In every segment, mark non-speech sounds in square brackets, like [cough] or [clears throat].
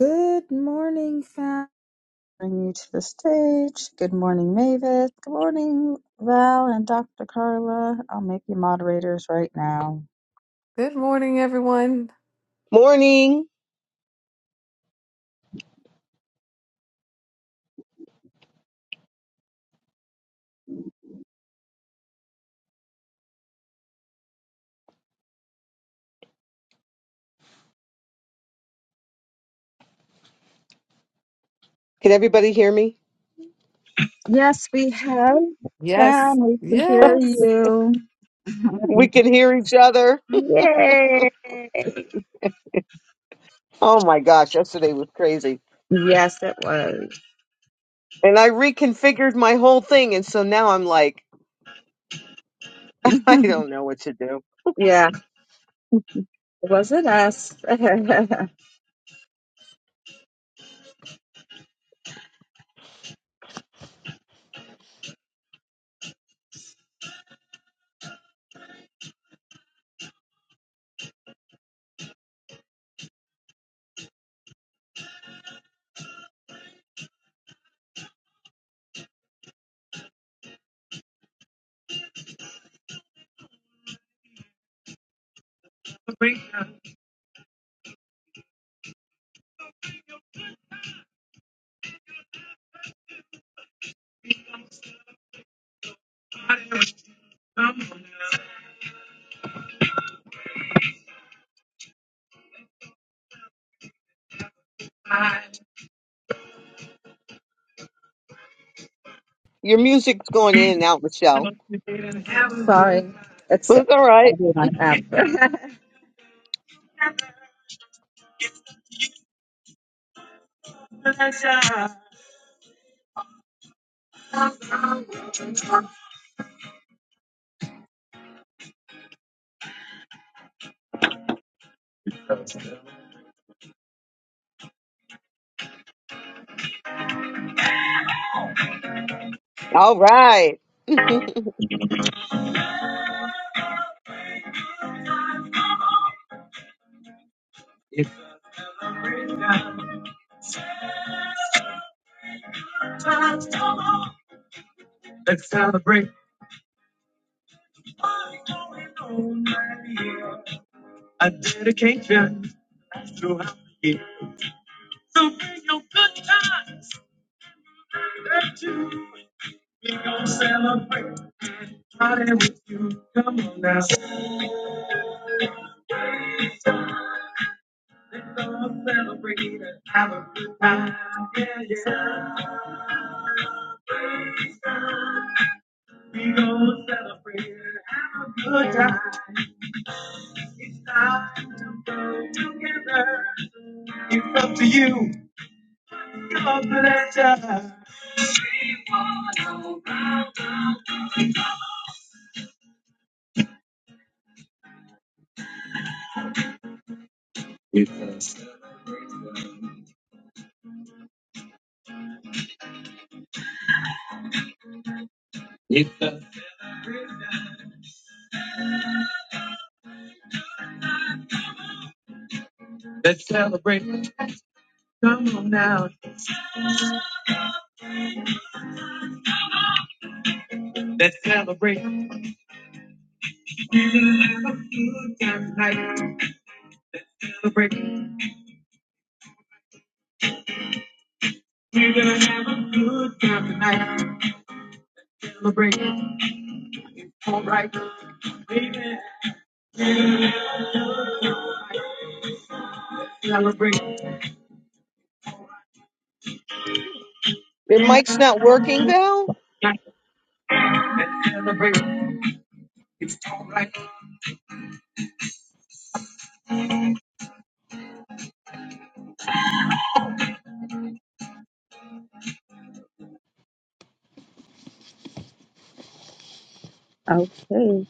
Good morning, fam. Bring you to the stage. Good morning, Mavis. Good morning, Val and Dr. Carla. I'll make you moderators right now. Good morning, everyone. Morning. Can everybody hear me? Yes, we have. Yes, Fam, we can hear yes. you. We can hear each other. Yay! Oh my gosh, yesterday was crazy. Yes, it was. And I reconfigured my whole thing. And so now I'm like, [laughs] I don't know what to do. [laughs] yeah, it wasn't us. [laughs] Your music's going in and out, Michelle. Sorry, it's But it's all right. probably my app. [laughs] All right. [laughs] It's Let's celebrate a dedication throughout the year. So bring your good times. That you, we gon' celebrate. Party with you. Come on now. Let's all celebrate and have a good time. Yeah, yeah. We gon' celebrate and have a good time. It's time to go together. It's up to you. It's us. It's us. Let's celebrate. Come on now. Let's celebrate. Have a good time tonight. Celebrate. We're gonna have a good time tonight. Celebrate. All right. Baby, celebrate. Your mic's not working, Val? Let's celebrate. It's all right. Okay.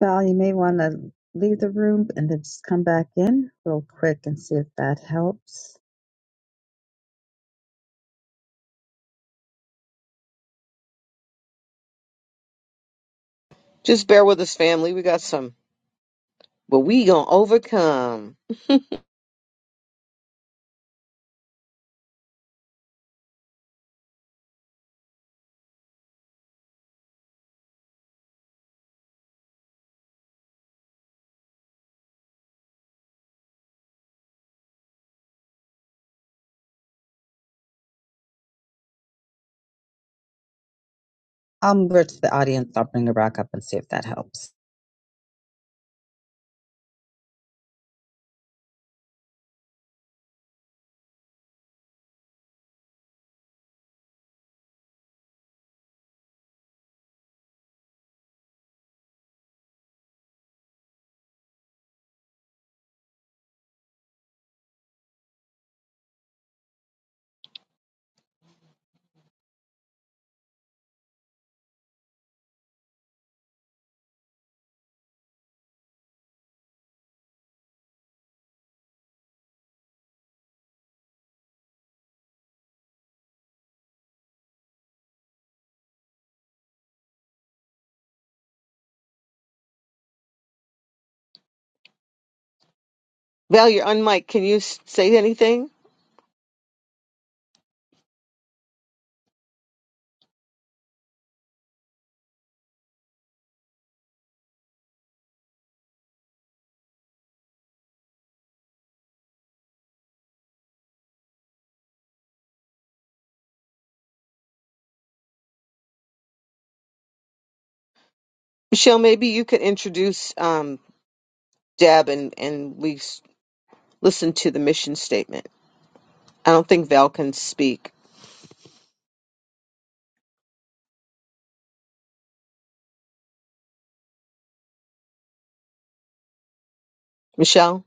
Val, you may want to leave the room and then just come back in real quick and see if that helps. Just bear with us, family. We got some, but we gonna overcome. I'll move to the audience. I'll bring her back up and see if that helps. Val, you're on mic. Can you s- say anything? Michelle, maybe you could introduce um, Deb and, and we s- listen to the mission statement. I don't think Val can speak. Michelle?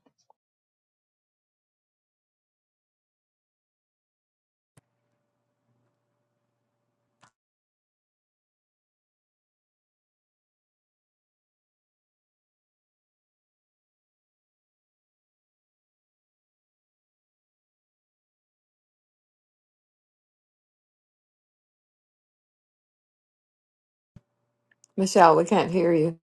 Michelle, we can't hear you.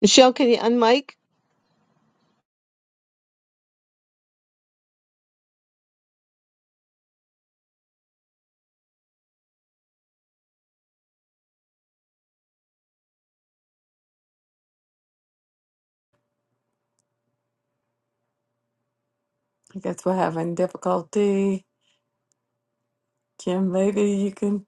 Michelle, can you unmic? I guess we're having difficulty. Kim, maybe you can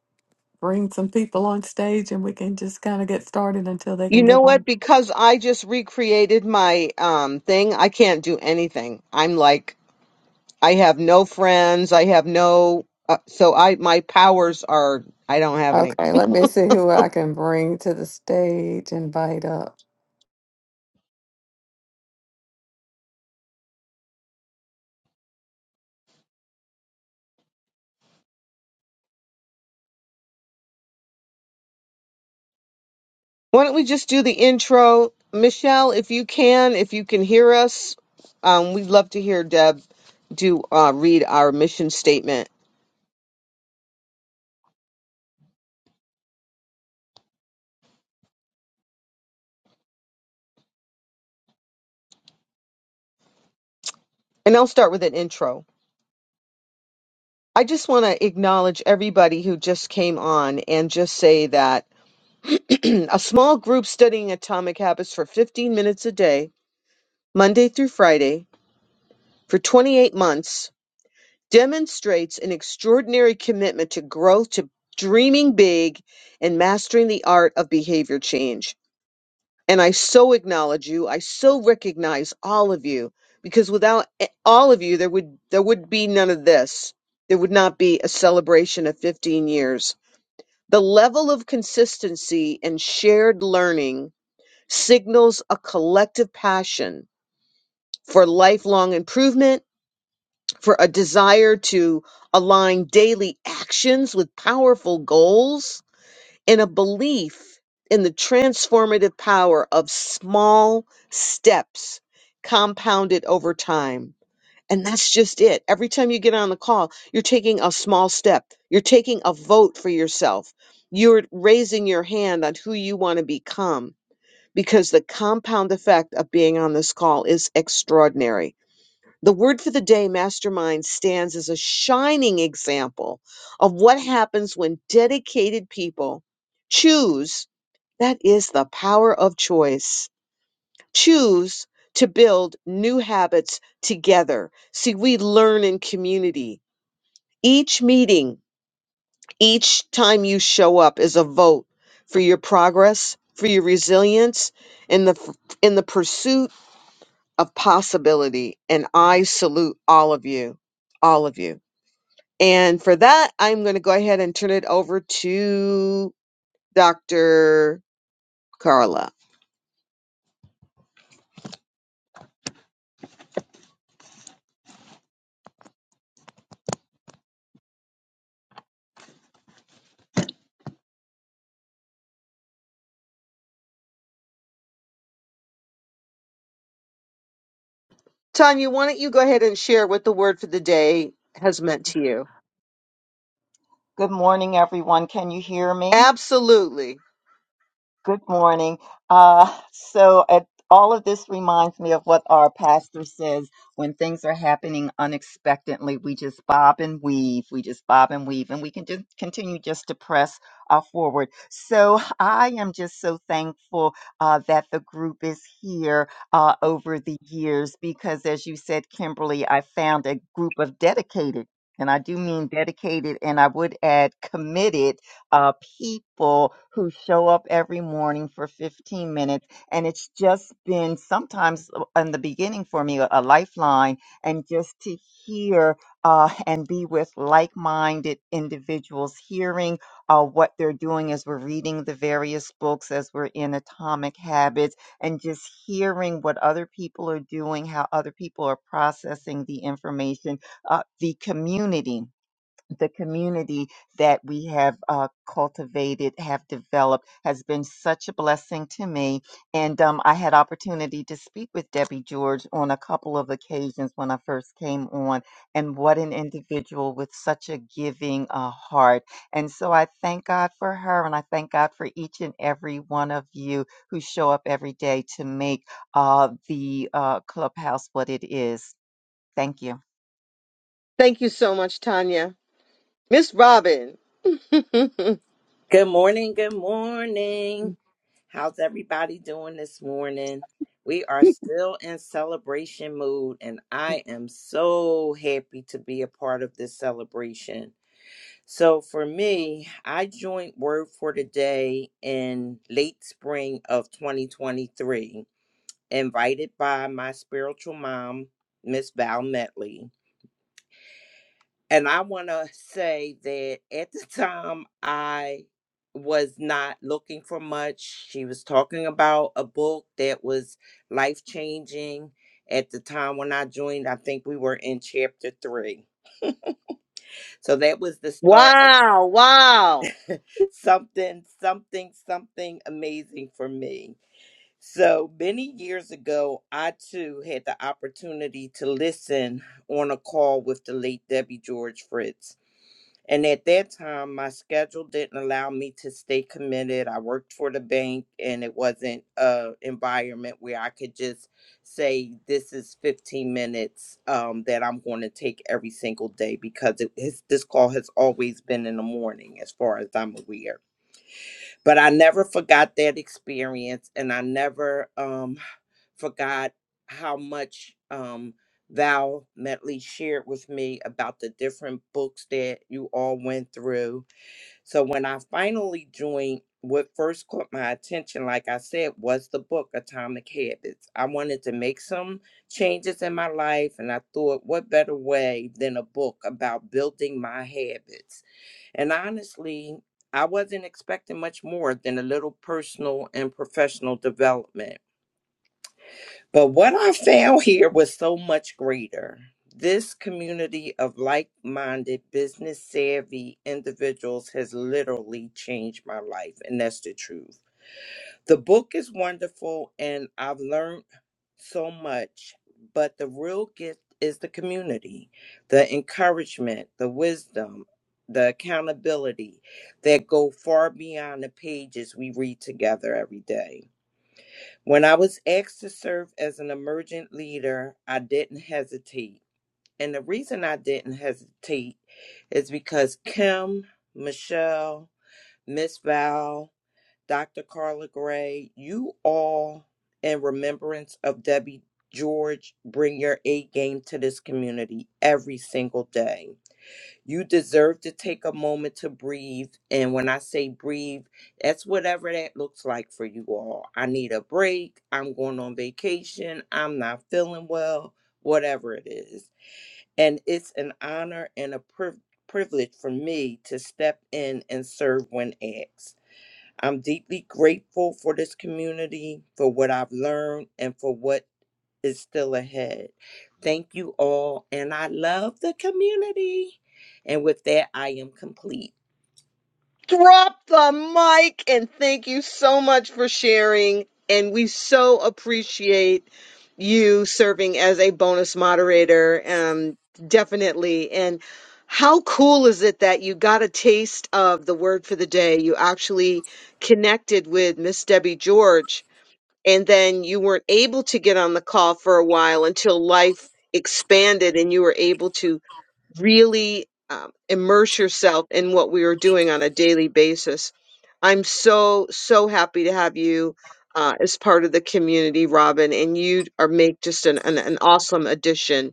bring some people on stage and we can just kind of get started until they You can get know on. what? Because I just recreated my um thing, I can't do anything. I'm like I have no friends, I have no uh, so I my powers are I don't have any. Okay, let me see who I can bring to the stage, invite up. Why don't we just do the intro? Michelle, if you can, if you can hear us, um we'd love to hear Deb do uh read our mission statement. And I'll start with an intro. I just want to acknowledge everybody who just came on and just say that [clears throat] a small group studying atomic habits for 15 minutes a day, Monday through Friday, for 28 months demonstrates an extraordinary commitment to growth, to dreaming big, and mastering the art of behavior change. And I so acknowledge you. I so recognize all of you because without a- all of you, there would there would be none of this. There would not be a celebration of 15 years. The level of consistency and shared learning signals a collective passion for lifelong improvement, for a desire to align daily actions with powerful goals, and a belief in the transformative power of small steps compounded over time. And that's just it. Every time you get on the call, you're taking a small step. You're taking a vote for yourself. You're raising your hand on who you want to become because the compound effect of being on this call is extraordinary. The word for the day, mastermind, stands as a shining example of what happens when dedicated people choose. That is the power of choice choose to build new habits together. See, we learn in community. Each meeting, each time you show up is a vote for your progress, for your resilience in the f- in the pursuit of possibility. And I salute all of you, all of you. And for that, I'm going to go ahead and turn it over to Dr. Carla. Tanya, why don't you go ahead and share what the word for the day has meant to you? Good morning, everyone. Can you hear me? Absolutely. Good morning. Uh, so, at, all of this reminds me of what our pastor says when things are happening unexpectedly. We just bob and weave. We just bob and weave, and we can just continue just to press uh, forward. So, I am just so thankful uh, that the group is here uh, over the years because, as you said, Kimberly, I found a group of dedicated. And I do mean dedicated, and I would add committed uh, people who show up every morning for 15 minutes. And it's just been sometimes uh, in the beginning for me a, a lifeline, and just to hear uh, and be with like minded individuals, hearing uh, what they're doing as we're reading the various books, as we're in Atomic Habits, and just hearing what other people are doing, how other people are processing the information, uh, the community the community that we have uh, cultivated, have developed, has been such a blessing to me. And um, I had opportunity to speak with Debbie George on a couple of occasions when I first came on, and what an individual with such a giving uh, heart. And so I thank God for her, and I thank God for each and every one of you who show up every day to make uh, the uh, clubhouse what it is. Thank you. Thank you so much, Tanya. Miss Robin. [laughs] Good morning. Good morning. How's everybody doing this morning? We are still in celebration mood, and I am so happy to be a part of this celebration. So, for me, I joined Word for the Day in late spring of 2023, invited by my spiritual mom, Miss Val Metley. And I want to say that at the time I was not looking for much. She was talking about a book that was life changing. At the time when I joined, I think we were in chapter three. So that was the start of wow, wow. something, something, something amazing for me. So many years ago, I too had the opportunity to listen on a call with the late Debbie George Fritz. And at that time, my schedule didn't allow me to stay committed. I worked for the bank, and it wasn't a environment where I could just say, "This is 15 minutes um, that I'm going to take every single day," because it, his, this call has always been in the morning, as far as I'm aware but I never forgot that experience, and I never um, forgot how much um, Val Metley shared with me about the different books that you all went through. So when I finally joined, what first caught my attention, like I said, was the book Atomic Habits. I wanted to make some changes in my life, and I thought, what better way than a book about building my habits? And honestly, I wasn't expecting much more than a little personal and professional development. But what I found here was so much greater. This community of like minded, business savvy individuals has literally changed my life, and that's the truth. The book is wonderful and I've learned so much, but the real gift is the community, the encouragement, the wisdom, the accountability that go far beyond the pages we read together every day. When I was asked to serve as an emergent leader, I didn't hesitate. And the reason I didn't hesitate is because Kim, Michelle, Miss Val, Dr. Carla Gray, you all, in remembrance of Debbie George, bring your A game to this community every single day. You deserve to take a moment to breathe. And when I say breathe, that's whatever that looks like for you all. I need a break. I'm going on vacation. I'm not feeling well, whatever it is. And it's an honor and a priv- privilege for me to step in and serve when asked. I'm deeply grateful for this community, for what I've learned, and for what is still ahead. Thank you all, and I love the community. And with that, I am complete. Drop the mic and thank you so much for sharing. And we so appreciate you serving as a bonus moderator. Um, definitely. And how cool is it that you got a taste of the word for the day? You actually connected with Miss Debbie George and then you weren't able to get on the call for a while until life expanded and you were able to really um, immerse yourself in what we were doing on a daily basis. I'm so, so happy to have you uh, as part of the community, Robin, and you are make just an, an, an awesome addition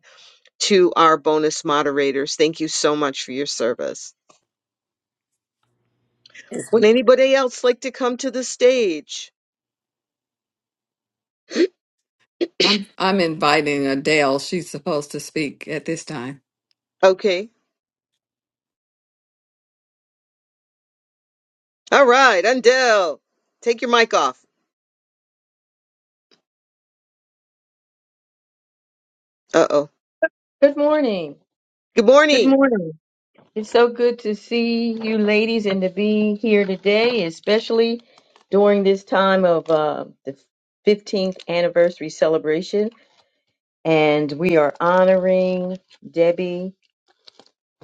to our bonus moderators. Thank you so much for your service. Would anybody else like to come to the stage? I'm I'm inviting Adele. She's supposed to speak at this time. Okay. All right, Undell, take your mic off. Uh oh. Good morning. Good Good morning. morning. It's so good to see you ladies and to be here today, especially during this time of uh, the 15th anniversary celebration. And we are honoring Debbie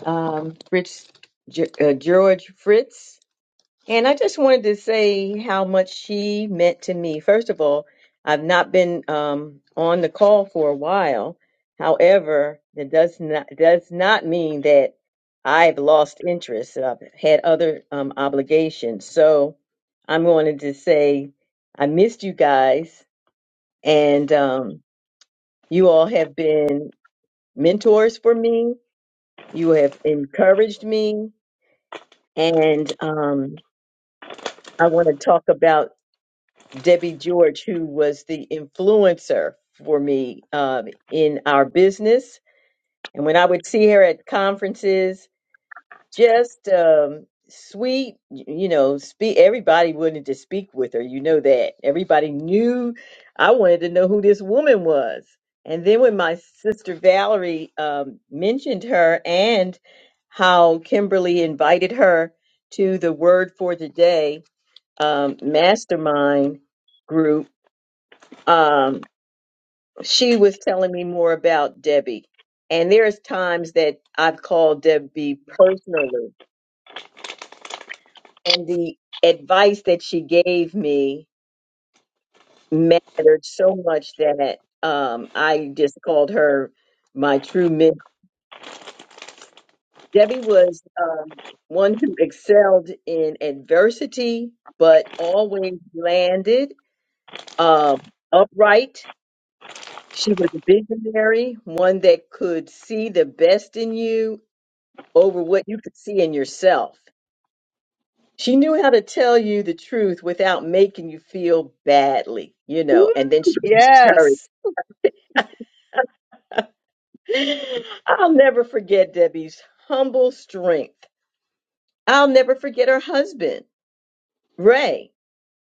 um, Fritz, Ge- uh, George Fritz. And I just wanted to say how much she meant to me. First of all, I've not been um, on the call for a while. However, that does not does not mean that I've lost interest. I've had other um, obligations, so I'm going to just say I missed you guys, and um, you all have been mentors for me. You have encouraged me, and um, I want to talk about. Debbie George, who was the influencer for me um, in our business. And when I would see her at conferences, just um, sweet, y- you know, speak. Everybody wanted to speak with her. You know that. Everybody knew I wanted to know who this woman was. And then when my sister Valerie um, mentioned her and how Kimberly invited her to the Word for Today um, mastermind group, um, she was telling me more about Debbie. And there's times that I've called Debbie personally, and the advice that she gave me mattered so much that um, I just called her my true mentor. Debbie was um, one who excelled in adversity, but always landed um, upright. She was a visionary, one that could see the best in you over what you could see in yourself. She knew how to tell you the truth without making you feel badly, you Woo! know, and then she would encourage. Yes. I'll never forget Debbie's humble strength. I'll never forget her husband, Ray,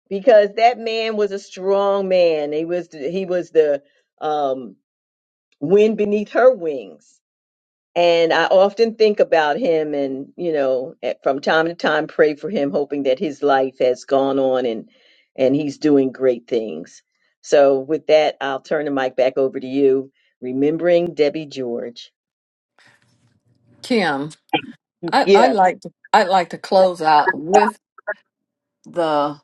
because that man was a strong man. He was the, he was the um wind beneath her wings. And I often think about him and, you know, at- from time to time pray for him, hoping that his life has gone on and, and he's doing great things. So with that, I'll turn the mic back over to you, remembering Debbie George. Kim, I, I Yes. like to I'd like to close out with the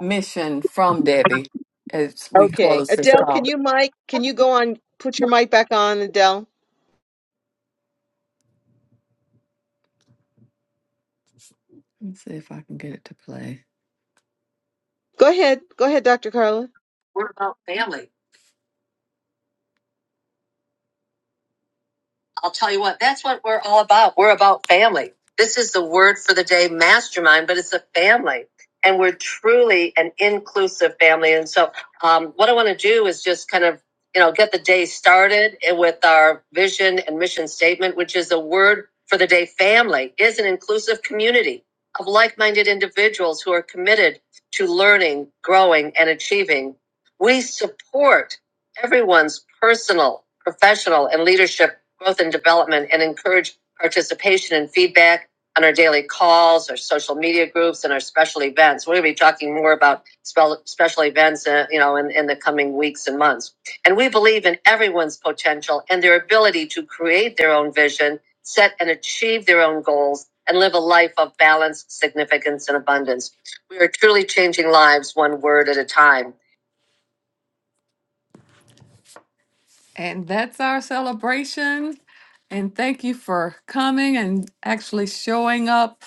mission from Debbie as we Okay. close this Adele, call. can you mic? Can you go on? Put your mic back on, Adele. Let's see if I can get it to play. Go ahead. Go ahead, Dr. Carla. What about family? I'll tell you what, that's what we're all about. We're about family. This is the word for the day mastermind, but it's a family. And we're truly an inclusive family. And so, um, what I want to do is just kind of, you know, get the day started with our vision and mission statement, which is the word for the day family is an inclusive community of like minded individuals who are committed to learning, growing, and achieving. We support everyone's personal, professional, and leadership growth and development and encourage participation and feedback on our daily calls, our social media groups, and our special events. We're going to be talking more about special events, uh, you know, in, in the coming weeks and months. And we believe in everyone's potential and their ability to create their own vision, set and achieve their own goals, and live a life of balance, significance, and abundance. We are truly changing lives one word at a time. And that's our celebration. And thank you for coming and actually showing up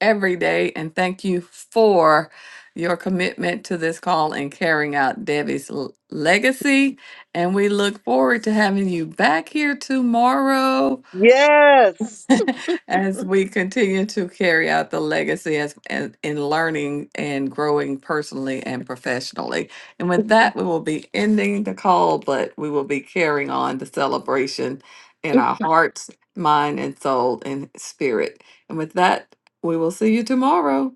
every day. And thank you for your commitment to this call and carrying out Debbie's l- legacy. And we look forward to having you back here tomorrow. Yes. [laughs] as we continue to carry out the legacy as in, in learning and growing personally and professionally. And with that, we will be ending the call, but we will be carrying on the celebration in our hearts, mind, and soul and spirit. And with that, we will see you tomorrow.